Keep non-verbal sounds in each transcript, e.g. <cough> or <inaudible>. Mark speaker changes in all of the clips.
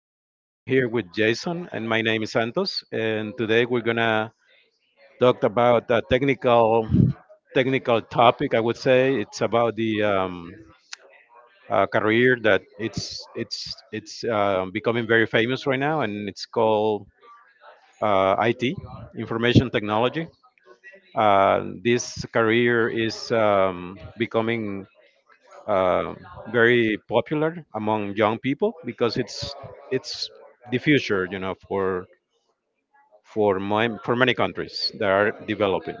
Speaker 1: Today I'm here with Jason, and my name is Santos. And today we're gonna talk about a technical topic. I would say it's about the career that it's becoming very famous right now, and it's called IT, information technology. This career is becoming um, very popular among young people because it's the future, for my for many countries that are developing.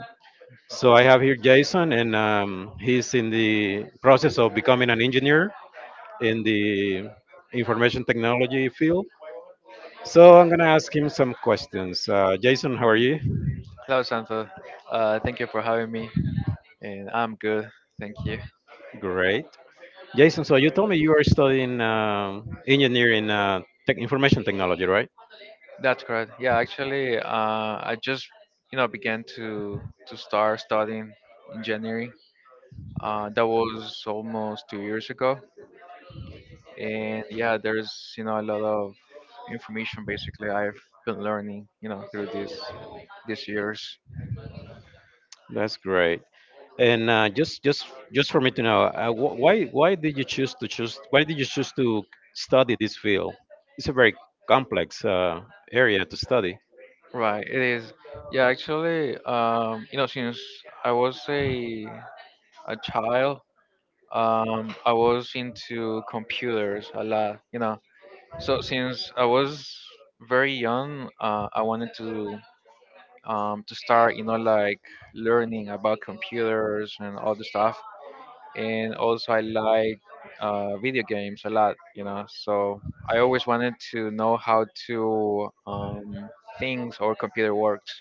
Speaker 1: So I have here Jason, and he's in the process of becoming an engineer in the information technology field. So I'm gonna ask him some questions. Jason, how are
Speaker 2: Mm.
Speaker 1: you?
Speaker 2: Hello, Santa. Thank you for having me, and I'm good. Thank you.
Speaker 1: Great. Jason, so you told me you are studying engineering, tech information technology, right?
Speaker 2: That's correct. Yeah, actually, I just began to start studying in January. That was almost 2 years ago, and yeah, there's a lot of information basically I've been learning through these years.
Speaker 1: That's great. And just for me to know, wh- why did you choose to choose why did you choose to study this field? It's a very complex area to study,
Speaker 2: Right, it is. Yeah, actually, since I was a child, I was into computers a lot. So since I was very young, I wanted to start, like learning about computers and all the stuff. And also, I like video games a lot. So I always wanted to know how to things or computer works.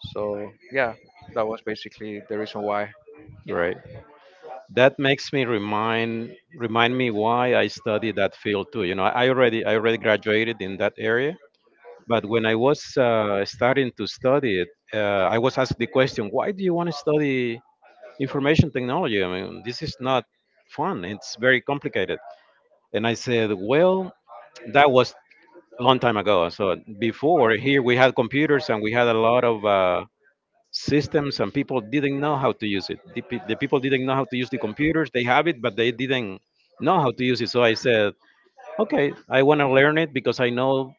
Speaker 2: So yeah, that was basically the reason why.
Speaker 1: right? That makes me remind me why I studied that field too. You know, I already graduated in that area, but when I was starting to study it, I was asked the question, why do you want to study information technology? I mean, this is not fun. It's very complicated. And I said, well, that was a long time ago. So before here we had computers and we had a lot of systems, and people didn't know how to use it. The people didn't know how to use the computers. They have it, but they didn't know how to use it. So I said, okay, I want to learn it because I know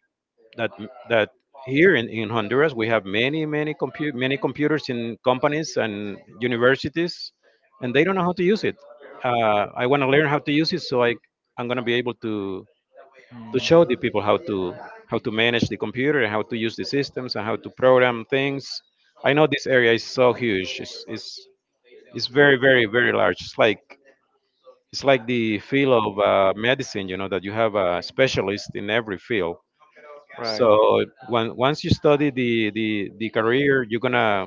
Speaker 1: that that here in Honduras we have many computers in companies and universities, and they don't know how to use it. I want to learn how to use it, so I'm gonna be able to show the people how to manage the computer, how to use the systems, and how to program things. I know this area is so huge. It's very very very large. It's like the field of medicine. You know that you have a specialist in every field.
Speaker 2: Right.
Speaker 1: So once you study the career, you're gonna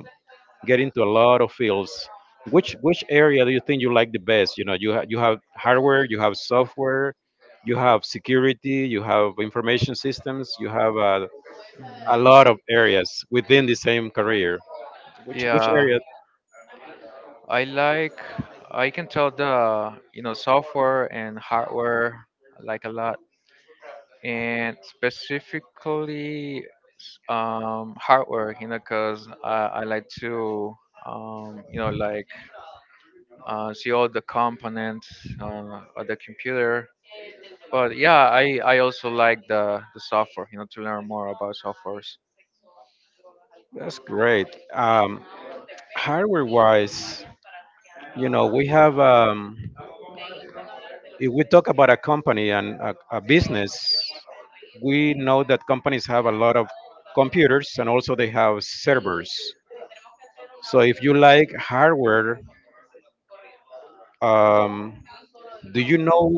Speaker 1: get into a lot of fields. Which area do you think you like the best? You know, you have hardware, you have software, you have security, you have information systems, you have a lot of areas within the same career. Which
Speaker 2: Yeah,
Speaker 1: area?
Speaker 2: I like I can tell the software and hardware I like a lot, and specifically hardware because I like to like see all the components of the computer. But yeah, I also like the software, to learn more about softwares.
Speaker 1: That's great. Hardware wise, you know, we have, if we talk about a company and a business, we know that companies have a lot of computers and also they have servers. So if you like hardware, um, do you know...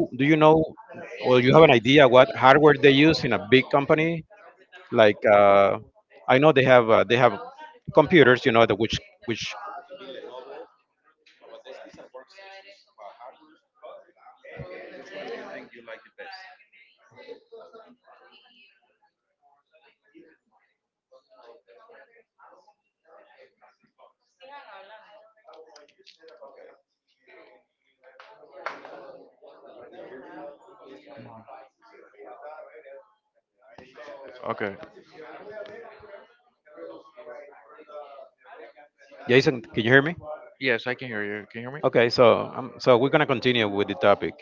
Speaker 2: Okay.
Speaker 1: Jason, can you hear me?
Speaker 2: Yes, I can hear you. Can you hear me?
Speaker 1: Okay, so we're gonna continue with the topic.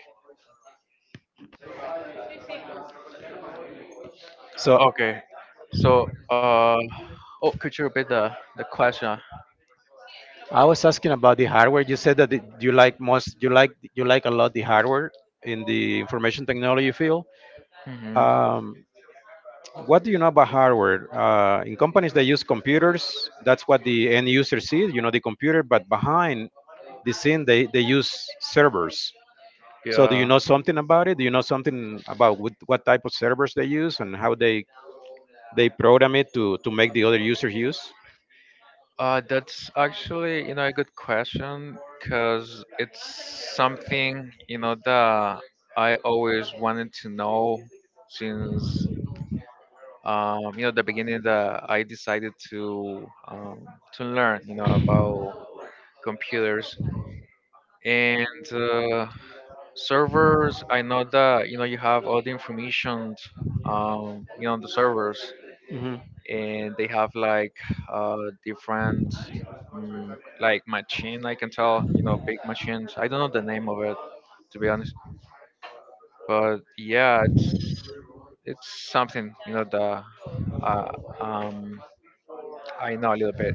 Speaker 1: So
Speaker 2: Okay. So, oh, could you repeat the question?
Speaker 1: I was asking about the hardware. You said that you like most, you like a lot the hardware in the information technology field.
Speaker 2: Hmm.
Speaker 1: Um, what do you know about hardware? In companies that use computers, that's what the end user sees. You know the computer, but behind the scene, they use servers. So do you
Speaker 2: Yeah.
Speaker 1: know something about it? Do you know something about what type of servers they use and how they program it to make the other users use?
Speaker 2: That's actually, a good question because it's something, that I always wanted to know since, the beginning that I decided to learn, about computers and uh, servers. I know that, you have all the information, on the servers.
Speaker 1: hmm
Speaker 2: And they have like uh, different, mm like, machine, I can tell, big machines. I don't know the name of it, to be honest, but yeah, it's something, that uh, um I know a little bit.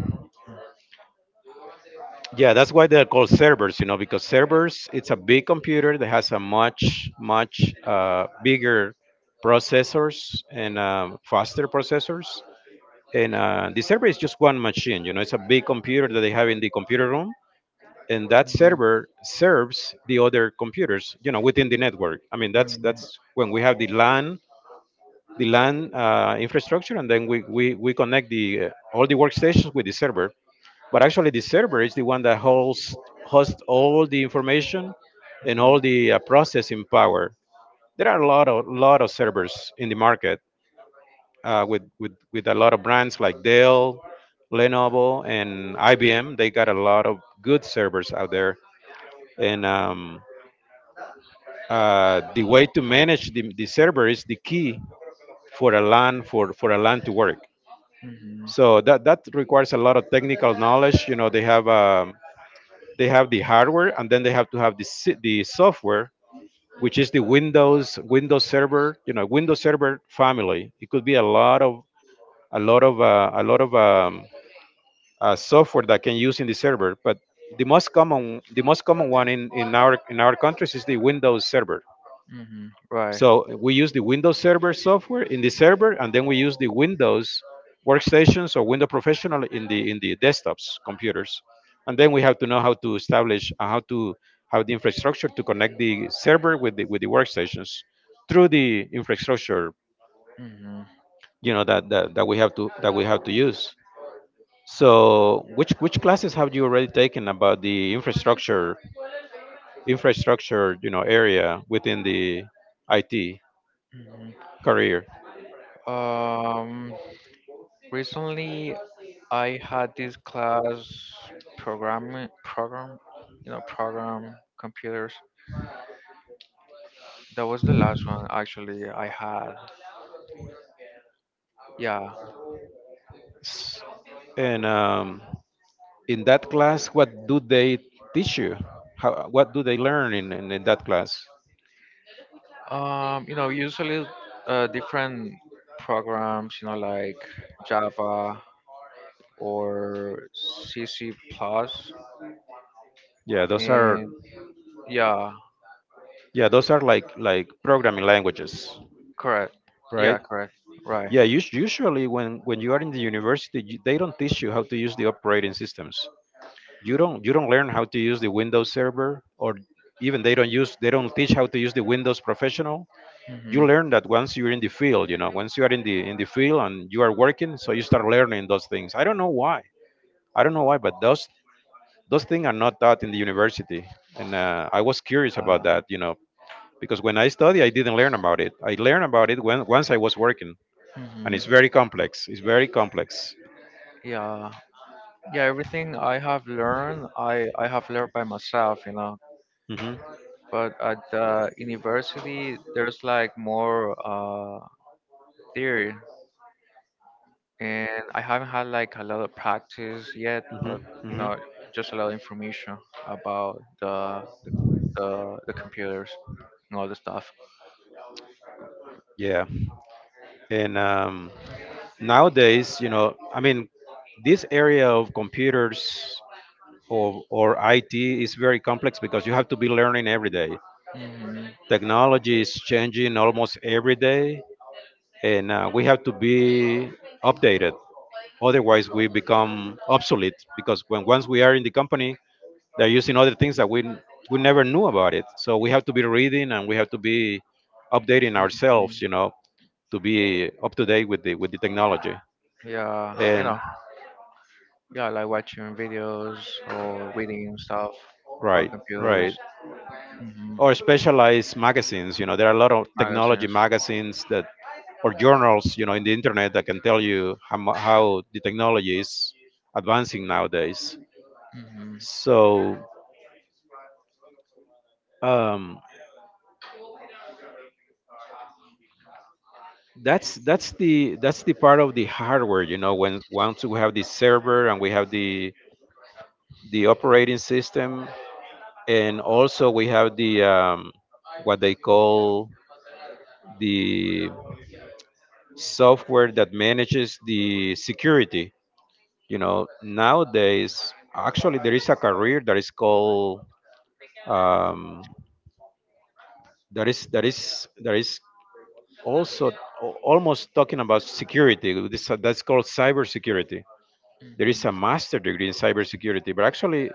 Speaker 1: Yeah, that's why they're called servers, you know, because servers, it's a big computer that has a much, much bigger processors and faster processors. And the server is just one machine, you know, it's a big computer that they have in the computer room. And that
Speaker 2: Mm,
Speaker 1: server serves the other computers, you know, within the network. I mean, that's when we have the LAN, the LAN infrastructure, and then we connect the all the workstations with the server. But actually, the server is the one that holds hosts all the information and
Speaker 2: mm,
Speaker 1: all the processing power. There are a lot of servers in the market, with a lot of brands like Dell, Lenovo, and IBM. They got a lot of good servers out there, and the way to manage the server is the key for a LAN, for a LAN to work.
Speaker 2: mm, mhm,
Speaker 1: So that requires a lot of technical knowledge. You know, they have the hardware, and then they have to have the software, which is the Windows server, Windows Server family. It could be a lot of software that can use in the server, but the most common one in our countries is the Windows Server.
Speaker 2: mhm, right.
Speaker 1: So we use the Windows Server software in the server, and then we use the Windows workstations or Windows Professional in the desktops computers, and then we have to know how to establish, how to have the infrastructure to connect the server with the workstations through the infrastructure,
Speaker 2: Hmm,
Speaker 1: that that, that we have to that we have to use. So which classes have you already taken about the infrastructure area within the IT
Speaker 2: hmm.
Speaker 1: career?
Speaker 2: um Recently, I had this class, programming program, program computers. That was the last one actually I had. Yeah.
Speaker 1: S- And in that class, what do they teach you? How, what do they learn in that class?
Speaker 2: Usually different programs, like Java or C CC plus,
Speaker 1: Yeah, those are
Speaker 2: and yeah,
Speaker 1: yeah, those are like programming languages,
Speaker 2: correct.
Speaker 1: right?
Speaker 2: Yeah, correct. Right.
Speaker 1: Yeah, usually when you are in the university, they don't teach you how to use the operating systems. You don't learn how to use the Windows server, or even they don't teach how to use the Windows professional.
Speaker 2: Mm-hmm.
Speaker 1: You learn that once you're in the field, you know, once you are in the field and you are working, so you start learning those things. I don't know why. I don't know why, but those things are not taught in the university, and I was curious
Speaker 2: Uh,
Speaker 1: about that, you know, because when I study, I didn't learn about it. I learned about it when once I was working, and
Speaker 2: mm-hmm.
Speaker 1: it's very complex. It's very complex.
Speaker 2: Yeah. Yeah, everything I have learned, I have learned by myself.
Speaker 1: hmm
Speaker 2: But at the university there's like more theory, and I haven't had like a lot of practice yet,
Speaker 1: hmm
Speaker 2: but you
Speaker 1: hmm
Speaker 2: know just a lot of information about the computers and all the stuff.
Speaker 1: Yeah, and nowadays, you know, I mean, this area of computers, or IT, is very complex because you have to be learning every day.
Speaker 2: Hmm.
Speaker 1: Technology is changing almost every day, and we have to be updated. Otherwise, we become obsolete because when once we are in the company, they're using other things that we never knew about it. So we have to be reading, and we have to be updating ourselves,
Speaker 2: Mm.
Speaker 1: you know, to be up to date with the technology.
Speaker 2: Yeah,
Speaker 1: And
Speaker 2: yeah, I like watching videos or reading stuff about
Speaker 1: right,
Speaker 2: computers.
Speaker 1: right.
Speaker 2: Hmm.
Speaker 1: Or specialized magazines, you know, there are a lot of technology
Speaker 2: Magazines.
Speaker 1: magazines that or journals, you know, in the internet that can tell you how the technology is advancing nowadays.
Speaker 2: Hmm, hmm.
Speaker 1: So um, that's the part of the hardware, you know, when once we have the server and we have the operating system, and also we have the what they call the software that manages the security. You know, nowadays actually there is a career that is called um, there is also almost talking about security. That's called cybersecurity. There is a master degree in cybersecurity, but actually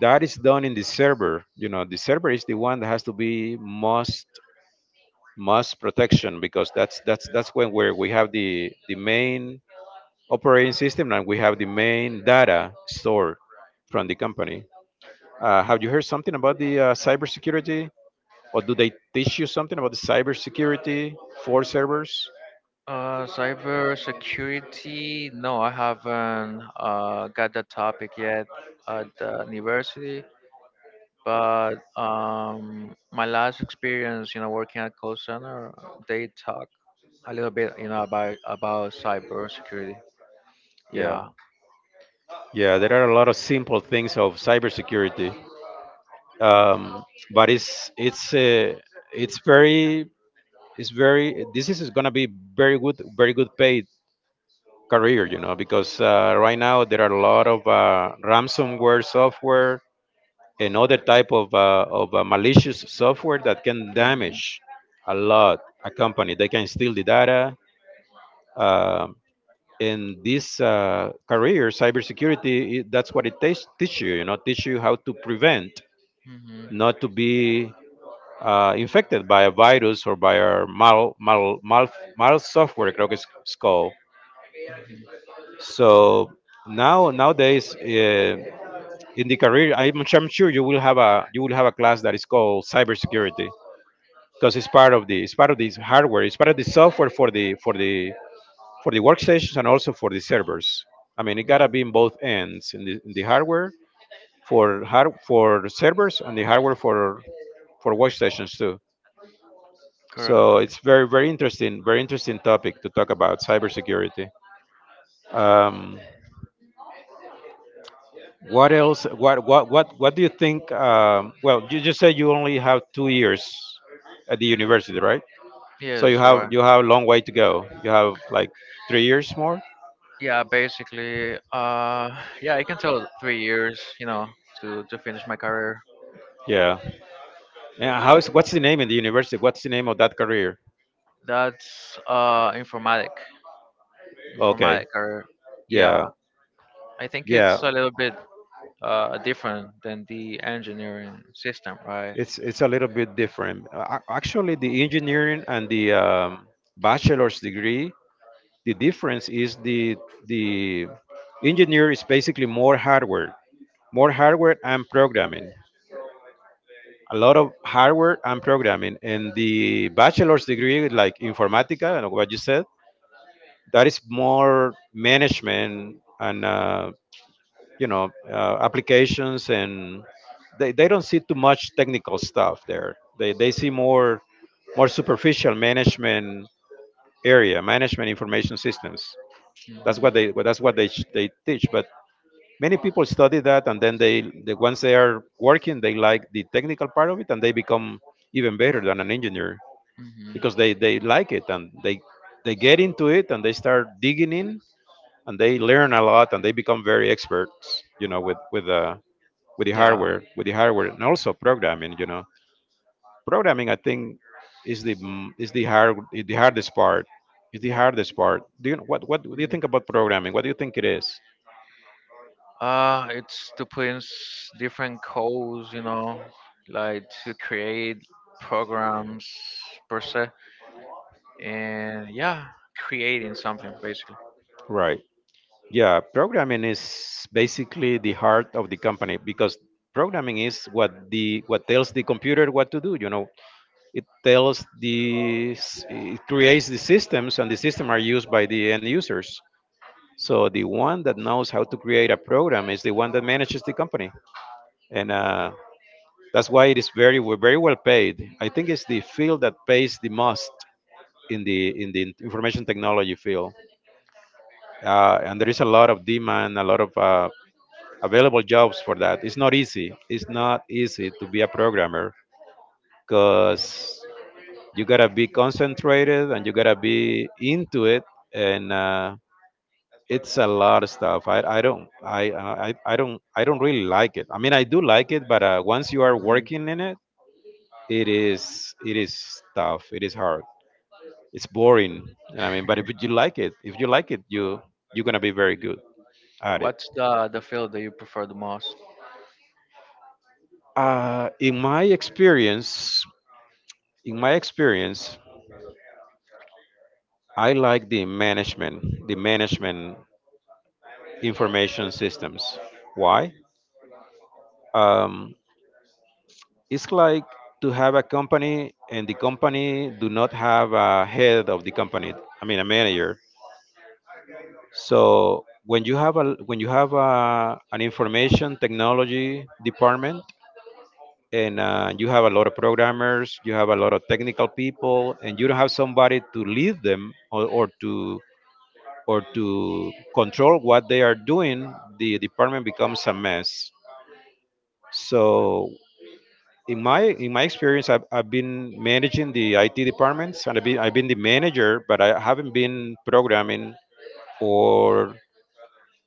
Speaker 1: that is done in the server. You know, the server is the one that has to be most protection because that's when where we have the main operating system, and we have the main data stored from the company. Have you heard something about the cybersecurity? Or do they teach you something about the cybersecurity for servers?
Speaker 2: Cybersecurity? No, I haven't got that topic yet at the university. But my last experience, working at call center, they talk a little bit, about cybersecurity.
Speaker 1: Yeah,
Speaker 2: Yeah.
Speaker 1: yeah, there are a lot of simple things of cybersecurity, um, but it's very it's very this is going to be very good, very good paid career, you know, because right now there are a lot of ransomware software and other type of malicious software that can
Speaker 2: Mm-hmm.
Speaker 1: damage a lot a company. They can steal the data. um in this career, cybersecurity, that's what it teach you. You know, teach you how to prevent,
Speaker 2: Mm-hmm.
Speaker 1: not to be infected by a virus or by a mal software. Creo que es es called. So nowadays, in the career, I'm sure you will have a class that is called cybersecurity because it's part of this hardware. It's part of the software for the workstations and also for the servers. I mean, it gotta be in both ends, in the hardware for hard, for servers and the hardware for workstations too.
Speaker 2: Correct.
Speaker 1: So it's very very interesting topic to talk about cybersecurity. Um, what else? What do you think? Well, you just said you only have 2 years at the university, right? So you
Speaker 2: Yes,
Speaker 1: have
Speaker 2: right.
Speaker 1: you have a long way to go. You have like 3 years more.
Speaker 2: Yeah, basically, yeah, I can tell 3 years, to finish my career.
Speaker 1: Yeah. Yeah. How's what's the name in the university? What's the name of that career?
Speaker 2: That's informatic,
Speaker 1: Okay.
Speaker 2: informatic career. Yeah,
Speaker 1: Yeah.
Speaker 2: I think
Speaker 1: Yeah.
Speaker 2: it's a little bit different than the engineering system, right?
Speaker 1: It's a little bit different. Actually, the engineering and the bachelor's degree, the difference is the engineer is basically more hardware and programming. A lot of hardware and programming, and the bachelor's degree, like informatica, and what you said, that is more management and you know, applications, and they don't see too much technical stuff there, they see more more superficial management, area management information systems. That's what they well, that's what they teach, but many people study that and then they the once they are working they like the technical part of it and they become even better than an engineer
Speaker 2: Hmm.
Speaker 1: because they like it and they get into it and they start digging in, and they learn a lot and they become very experts, you know, with with the
Speaker 2: Yeah.
Speaker 1: hardware, with the hardware and also programming, you know. Programming, I think, is the m- is the hard is the hardest part, is the hardest part. Do you know what do you think about programming? What do you think it is?
Speaker 2: It's to put in different codes, like to create programs per se, and yeah, creating something basically.
Speaker 1: Right. Yeah, programming is basically the heart of the company, because programming is what the what tells the computer what to do, you know. It tells it creates the systems, and the system are used by the end users. So the one that knows how to create a program is the one that manages the company, and that's why it is very well paid. I think it's the field that pays the most in the information technology field, and there is a lot of demand, a lot of available jobs for that. It's not easy. It's not easy to be a programmer, because you gotta be concentrated and you gotta be into it, and it's a lot of stuff. I don't really like it. I mean, I do like it, but once you are
Speaker 2: Mhm.
Speaker 1: working in it, it is it is tough. It is hard. It's boring. And I mean, but if you like it, if you like it, you you're gonna be very good at it.
Speaker 2: What's the field that you prefer the most?
Speaker 1: Uh, in my experience, in my experience, I like the management information systems. Why? Um, it's like to have a company and the company do not have a head of the company. I mean, a manager. So when you have a when you have a, an information technology department, and you have a lot of programmers, you have a lot of technical people, and you don't have somebody to lead them, or to control what they are doing, the department becomes a mess. So in my experience, I've been managing the IT departments, and I've been the manager, but I haven't been programming, or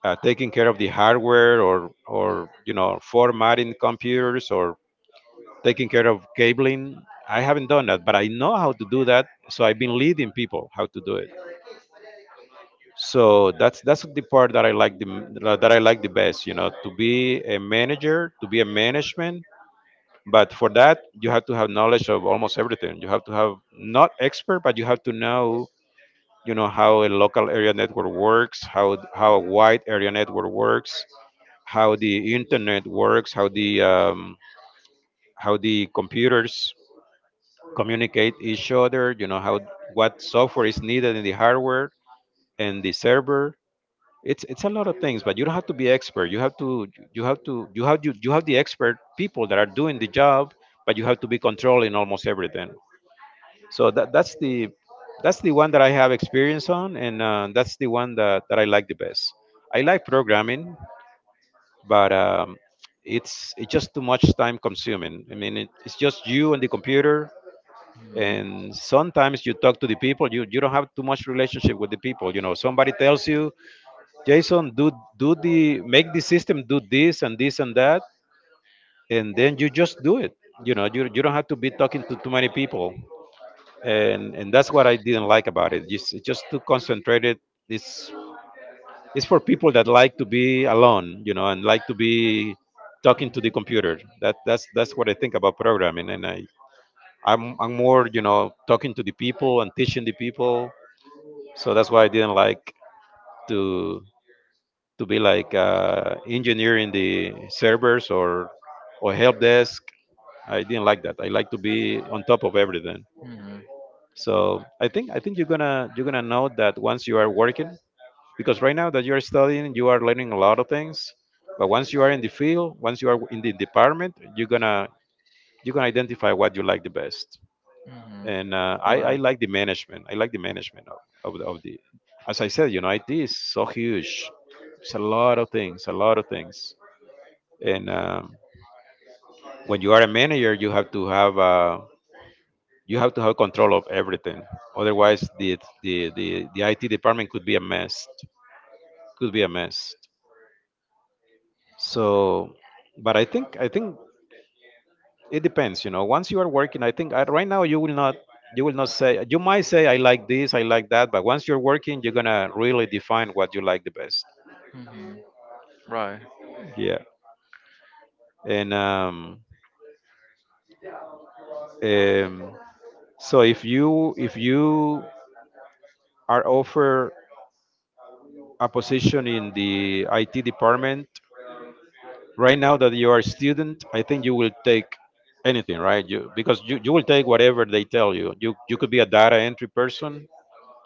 Speaker 1: taking care of the hardware, or you know formatting computers or taking care of cabling. I haven't done that, but I know how to do that, so I've been leading people how to do it. So that's the part that I like that I like the best, you know, to be a manager, to be a management. But for that you have to have knowledge of almost everything. You have to have not expert, but you have to know, you know, how a local area network works, how a wide area network works, how the internet works, how the computers communicate each other. You know how what software is needed in the hardware and the server. It's a lot of things, but you don't have to be expert. You have to you have to you have the expert people that are doing the job, but you have to be controlling almost everything. So that's the one that I have experience on, and that's the one that I like the best. I like programming, but it's just too much time consuming. I mean, it's just you and the computer,
Speaker 2: Hmm.
Speaker 1: and sometimes you talk to the people. You don't have too much relationship with the people. You know, somebody tells you, Jason, do the make the system do this and this and that, and then you just do it. You know, you don't have to be talking to too many people, and that's what I didn't like about it. Just it's just too concentrated. It's It's for people that like to be alone, you know, and like to be talking to the computer. That that's what I think about programming, and I'm more, you know, talking to the people and teaching the people. So that's why I didn't like to to be like engineering the servers or help desk. I didn't like that. I like to be on top of everything.
Speaker 2: Hmm,
Speaker 1: So I think you're gonna know that once you are working, because right now that you are studying you are learning a lot of things. But once you are in the field, once you are in the department, you're gonna identify what you like the best.
Speaker 2: hmm.
Speaker 1: And I
Speaker 2: Right.
Speaker 1: like the management, I like the management of, the, of the, as I said, you know, it is so huge. It's a lot of things, a lot of things. And when you are a manager you have to have you have to have control of everything, otherwise the IT department could be a mess, could be a mess. So but I think it depends, you know. Once you are working, I think right now you will not, you will not say, you might say, I like this, I like that, but once you're working you're gonna really define what you like the best.
Speaker 2: Hmm. Right.
Speaker 1: Yeah. And um so if you are offered a position in the IT department right now that you are a student, I think you will take anything, right? You because you will take whatever they tell you. You could be a data entry person,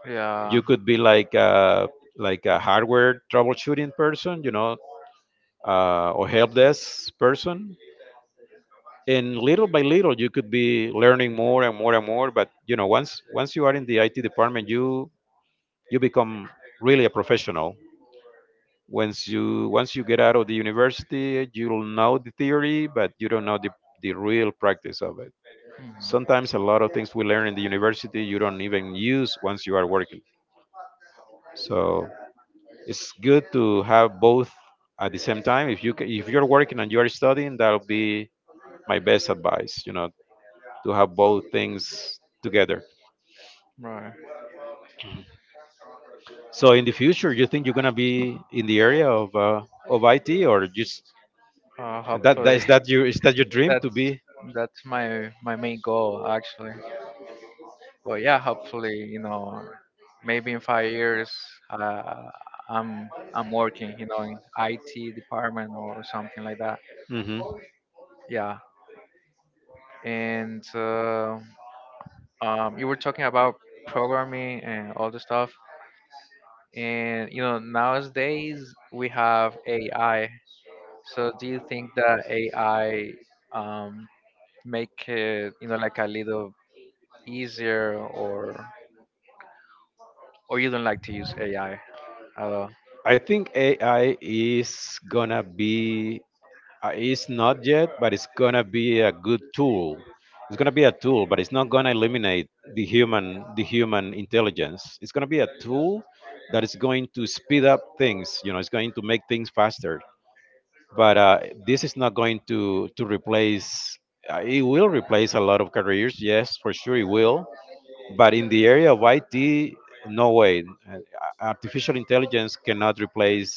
Speaker 2: Yeah.
Speaker 1: you could be like a hardware troubleshooting person, you know, or help desk person. And little by little, you could be learning more and more and more. But you know, once once you are in the IT department, you become really a professional. Once you, once you get out of the university, you'll know the theory, but you don't know the real practice of it. Sometimes a lot of things we learn in the university you don't even use once you are working. So it's good to have both at the same time. If you're working and you're studying, that'll be my best advice. You know, to have both things together.
Speaker 2: Mm. Right.
Speaker 1: So in the future, you think you're gonna be in the area of IT? Or just that
Speaker 2: Hopefully,
Speaker 1: is, that your, is that your
Speaker 2: <laughs>
Speaker 1: dream to
Speaker 2: that's
Speaker 1: be?
Speaker 2: that's my main goal, actually. But yeah, hopefully, maybe in 5 years uh, I'm working, in IT department or something like that.
Speaker 1: Hmm.
Speaker 2: Yeah. And you were talking about programming and all the stuff. And nowadays we have AI. So do you think that AI um, make it, like a little easier, or you don't like to use AI at all?
Speaker 1: I think AI is gonna be, it's not yet, but it's gonna be a good tool. It's gonna be a tool, but it's not gonna eliminate the human intelligence. It's gonna be a tool that is going to speed up things. You know, it's going to make things faster. But this is not going to replace. It will replace a lot of careers, yes, for sure it will. But in the area of IT, no way. Uh, Artificial intelligence cannot replace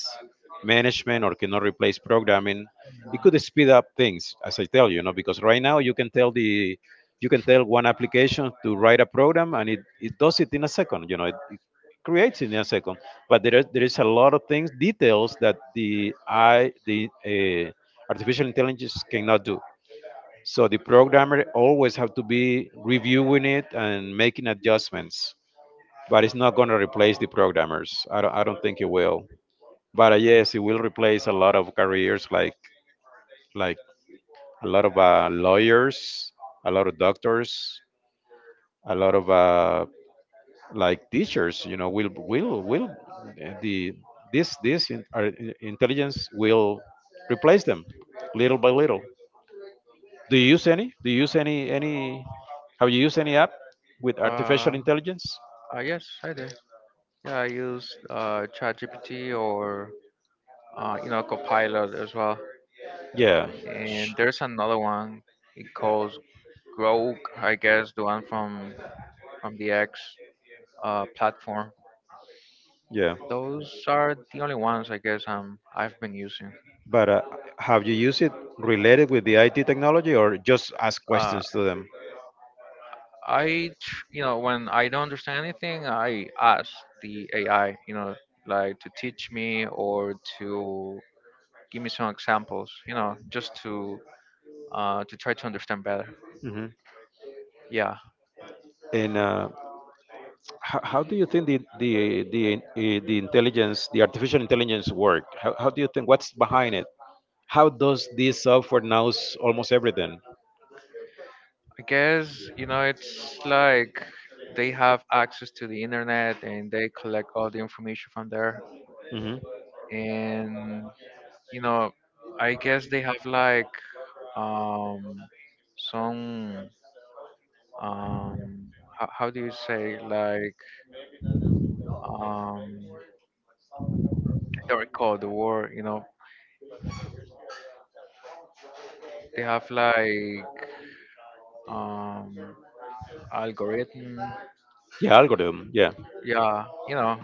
Speaker 1: management or cannot replace programming. It could speed up things, as I tell you, you know, because right now you can tell the, you can tell one application to write a program, and it does it in a second, you know, it creates it in a second. But there is a lot of things, details that the I the artificial intelligence cannot do, so the programmer always have to be reviewing it and making adjustments. But it's not going to replace the programmers. I don't think it will. But yes, it will replace a lot of careers, like a lot of lawyers, a lot of doctors, a lot of like teachers. You know, will the this this in, intelligence will replace them little by little. Do you use any? Do you use any? Have you used any app with artificial
Speaker 2: Uh,
Speaker 1: intelligence?
Speaker 2: yes, I do. Yeah, I use ChatGPT or Copilot as well.
Speaker 1: Yeah. Sh-
Speaker 2: And there's another one, it calls Grok, I guess, the one from the X platform.
Speaker 1: Yeah.
Speaker 2: Those are the only ones, I guess, I've been using.
Speaker 1: But Have you used it related with the IT technology or just ask
Speaker 2: Uh,
Speaker 1: questions to them?
Speaker 2: I, tr- you know, When I don't understand anything, I ask the AI, like to teach me or to give me some examples, just to try to understand better.
Speaker 1: hmm
Speaker 2: Yeah,
Speaker 1: And how do you think the artificial intelligence work? How do you think what's behind it? How does this software knows almost everything?
Speaker 2: I guess, it's like they have access to the internet and they collect all the information from there.
Speaker 1: hmm
Speaker 2: And you know, I guess they have like, um, some, um, how, do you say, like, um I don't recall the word. They have like, um algorithm.
Speaker 1: Yeah, algorithm. Yeah.
Speaker 2: Yeah,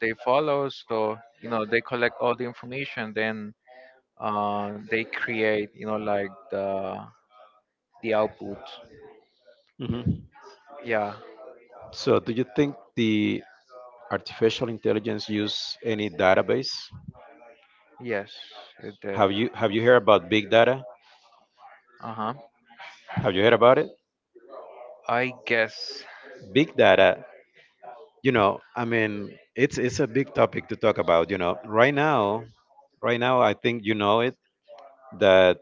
Speaker 2: they follow, so, they collect all the information, then they create, like the output.
Speaker 1: hmm
Speaker 2: Yeah,
Speaker 1: So, do you think the artificial intelligence use any database?
Speaker 2: yes, it did.
Speaker 1: Have you heard about big data?
Speaker 2: Uh-huh.
Speaker 1: Have you heard about it?
Speaker 2: I guess.
Speaker 1: Big data. You know, I mean, it's a big topic to talk about. You know, right now, I think you know it that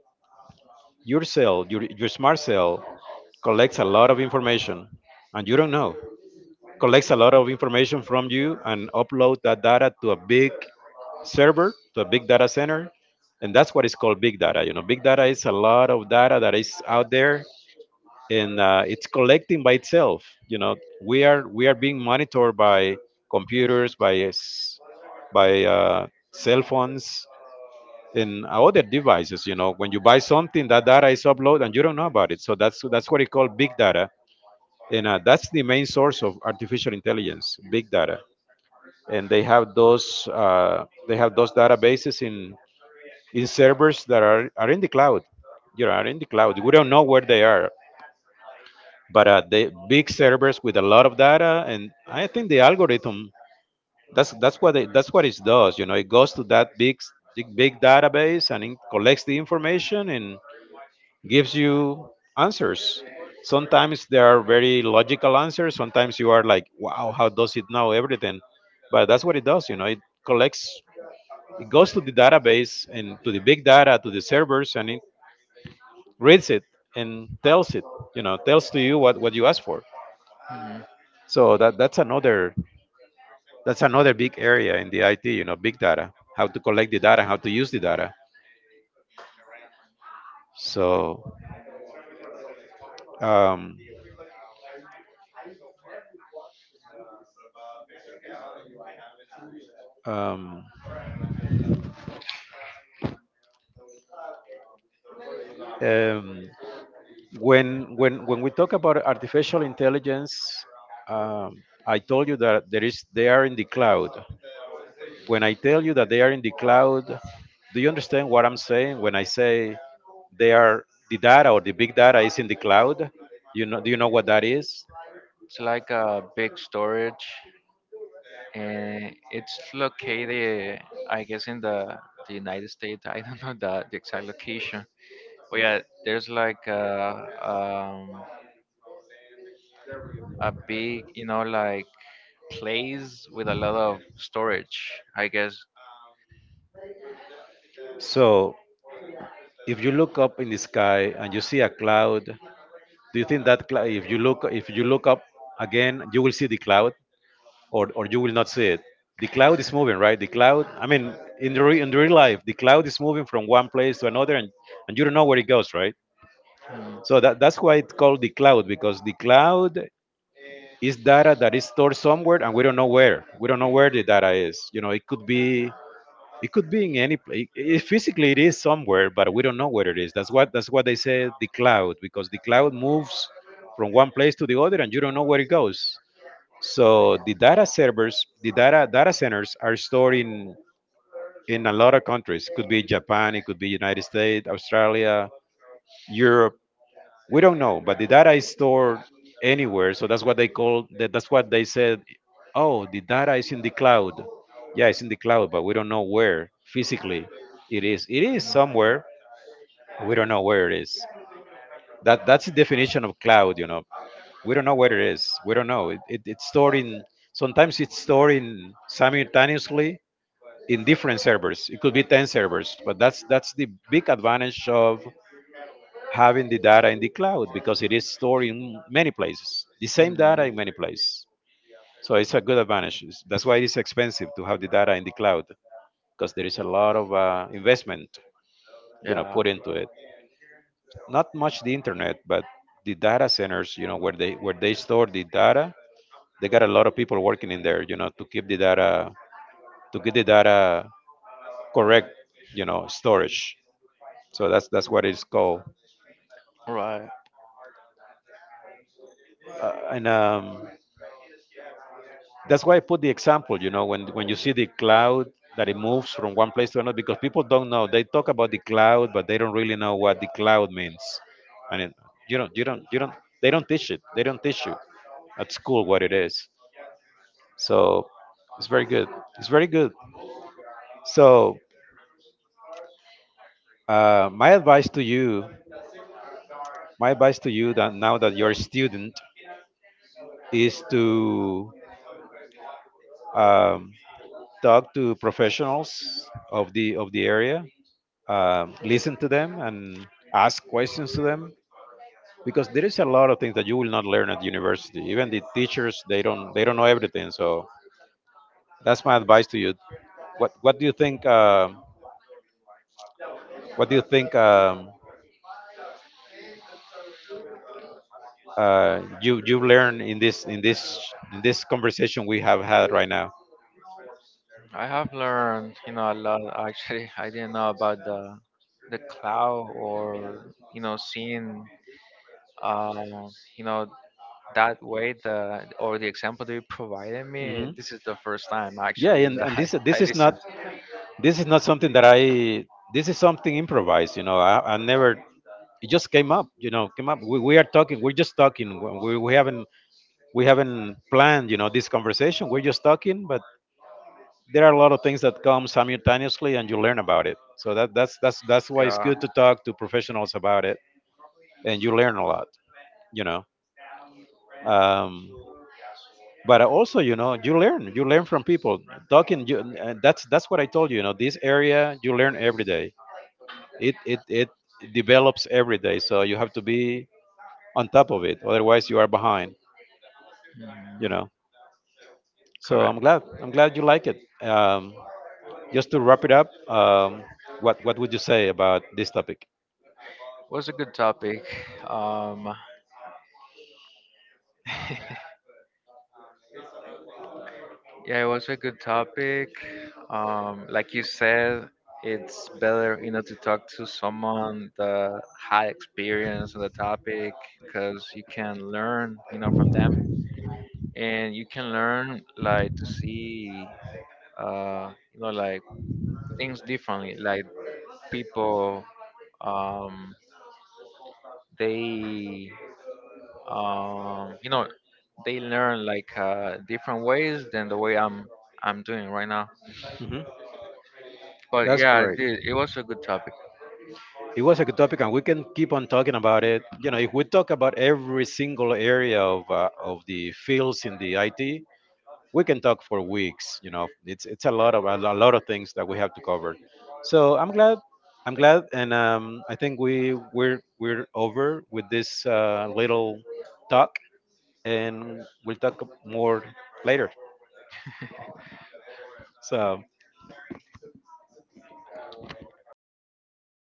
Speaker 1: your cell, your smart cell, collects a lot of information, and you don't know. Collects a lot of information from you and upload that data to a big server, to a big data center, and that's what is called big data. You know, big data is a lot of data that is out there, and it's collecting by itself. You know, we are being monitored by computers, by cell phones, in other devices. You know, when you buy something, that data is uploaded and you don't know about it. So that's what it called big data, and that's the main source of artificial intelligence, big data. And they have those databases in servers that are in the cloud. You know, are in the cloud. We don't know where they are, but the big servers with a lot of data, and I think the algorithm that's what it does. You know, it goes to that big big database and it collects the information and gives you answers. Sometimes there are very logical answers. Sometimes you are like, wow, how does it know everything? But that's what it does. You know, it collects, it goes to the database and to the big data, to the servers, and it reads it and tells it, you know, tells to you what you asked for.
Speaker 2: Mhm.
Speaker 1: So that's another big area in the IT. You know, big data, how to collect the data, how to use the data. So um, um, um, when we talk about artificial intelligence, I told you that there is they are in the cloud. When I tell you that they are in the cloud, do you understand what I'm saying when I say they are, the data or the big data is in the cloud? You know, do you know what that is?
Speaker 2: It's like a big storage, and it's located, I guess, in the United States. I don't know the exact location. But yeah, there's like a big, like, place with a lot of storage, I guess.
Speaker 1: So if you look up in the sky and you see a cloud, do you think that if you look, if you look up again, you will see the cloud, or you will not see it. The cloud is moving,
Speaker 2: <laughs>
Speaker 1: right? The cloud. I mean, in the real life, the cloud is moving from one place to another, and you don't know where it goes, right? So that's why it's called the cloud, because the cloud is data that is stored somewhere, and we don't know where. We don't know where the data is. You know, it could be. It could be in any place. It, physically, it is somewhere, but we don't know where it is. That's what they say the cloud, because the cloud moves from one place to the other, and you don't know where it goes. So the data servers, the data centers are stored in a lot of countries. Could be Japan, it could be United States, Australia,
Speaker 2: You're.
Speaker 1: Europe. We
Speaker 2: We don't
Speaker 1: don't
Speaker 2: know
Speaker 1: know, but the
Speaker 2: where
Speaker 1: data
Speaker 2: that
Speaker 1: is
Speaker 2: is, or
Speaker 1: stored
Speaker 2: anywhere.
Speaker 1: anywhere. So that's what they call that. That's what they said.
Speaker 2: Oh,
Speaker 1: Oh, the data is in the cloud. Yeah, it's
Speaker 2: yes.
Speaker 1: in the cloud, but we don't know where
Speaker 2: It
Speaker 1: physically it
Speaker 2: is
Speaker 1: is. It is
Speaker 2: somewhere.
Speaker 1: somewhere. We
Speaker 2: I
Speaker 1: don't know where it is. That's the definition of cloud. You know, we don't know where it is. We don't know. It's
Speaker 2: don't
Speaker 1: stored
Speaker 2: know.
Speaker 1: in, sometimes it's stored in simultaneously in different servers. It could be 10 servers, but that's the big advantage of having the data in the cloud, because it is stored in many places. The same data in many places. So it's a good advantage. That's why it's expensive to have the data in the cloud, because there is a lot of investment, you know, put into it. Not much the internet, but the data centers, you know, where they store the data. They got a lot of people working in there, you know, to keep the data, to get the data correct, you know, storage. So that's what it's called,
Speaker 2: Right.
Speaker 1: and that's why I put the example. You know, when you see the cloud that it moves from one place to another, because people don't know. They talk about the cloud, but they don't really know what the cloud means. And it, you don't. They don't teach it. They don't teach you at school what it is. So it's very good. It's very good. So uh, my advice to you my advice to you, that now that you're a student, is to um, talk to professionals of the area, listen to them, and ask questions to them, because there is a lot of things that you will not learn at university. Even the teachers, they don't know everything. So that's my advice to you. What do you think? What do you think? You you learn in this in this conversation we have had right now.
Speaker 2: I have learned, a lot. Actually, <laughs> I didn't know about the cloud, or, seeing, um, you know, that way, the, or the example that you provided me.
Speaker 1: hmm
Speaker 2: This is the first time
Speaker 1: yeah,
Speaker 2: actually that
Speaker 1: and
Speaker 2: I,
Speaker 1: this
Speaker 2: <laughs> I
Speaker 1: this is
Speaker 2: listened.
Speaker 1: not, this is not something that I. This is something improvised. You know, I never. It just came up. You know, came up. We are talking. We're just talking. We haven't, we haven't planned. You know, this conversation. We're just talking. But there are a lot of things that come simultaneously, and you learn about it. So that's why it's
Speaker 2: Yeah.
Speaker 1: good to talk to professionals about it, and you learn a lot. You know. Um, but also you know you learn, you learn from people talking you, and that's what I told you, you know, this area you learn every day. It develops every day, so you have to be on top of it, otherwise you are behind,
Speaker 2: Hmm,
Speaker 1: you know. So
Speaker 2: correct.
Speaker 1: I'm glad, I'm glad you like it. Just to wrap it up, what would you say about this topic?
Speaker 2: Was a good topic. Um, yeah, it was a good topic. Like you said, it's better, to talk to someone that had experience on the topic, because you can learn, from them. And you can learn, like, to see, like, things differently. Like, people, um, they, um, you know they learn like, different ways than the way I'm doing right now.
Speaker 1: hmm
Speaker 2: But
Speaker 1: that's
Speaker 2: yeah,
Speaker 1: great.
Speaker 2: it was a good topic.
Speaker 1: It was a good topic, and we can keep on talking about it. You know, if we talk about every single area of the fields in the IT, we can talk for weeks. You know, it's a lot of a lot of things that we have to cover. So I'm glad, I'm glad. And I think we're we're over with this little talk, and we'll talk more later. So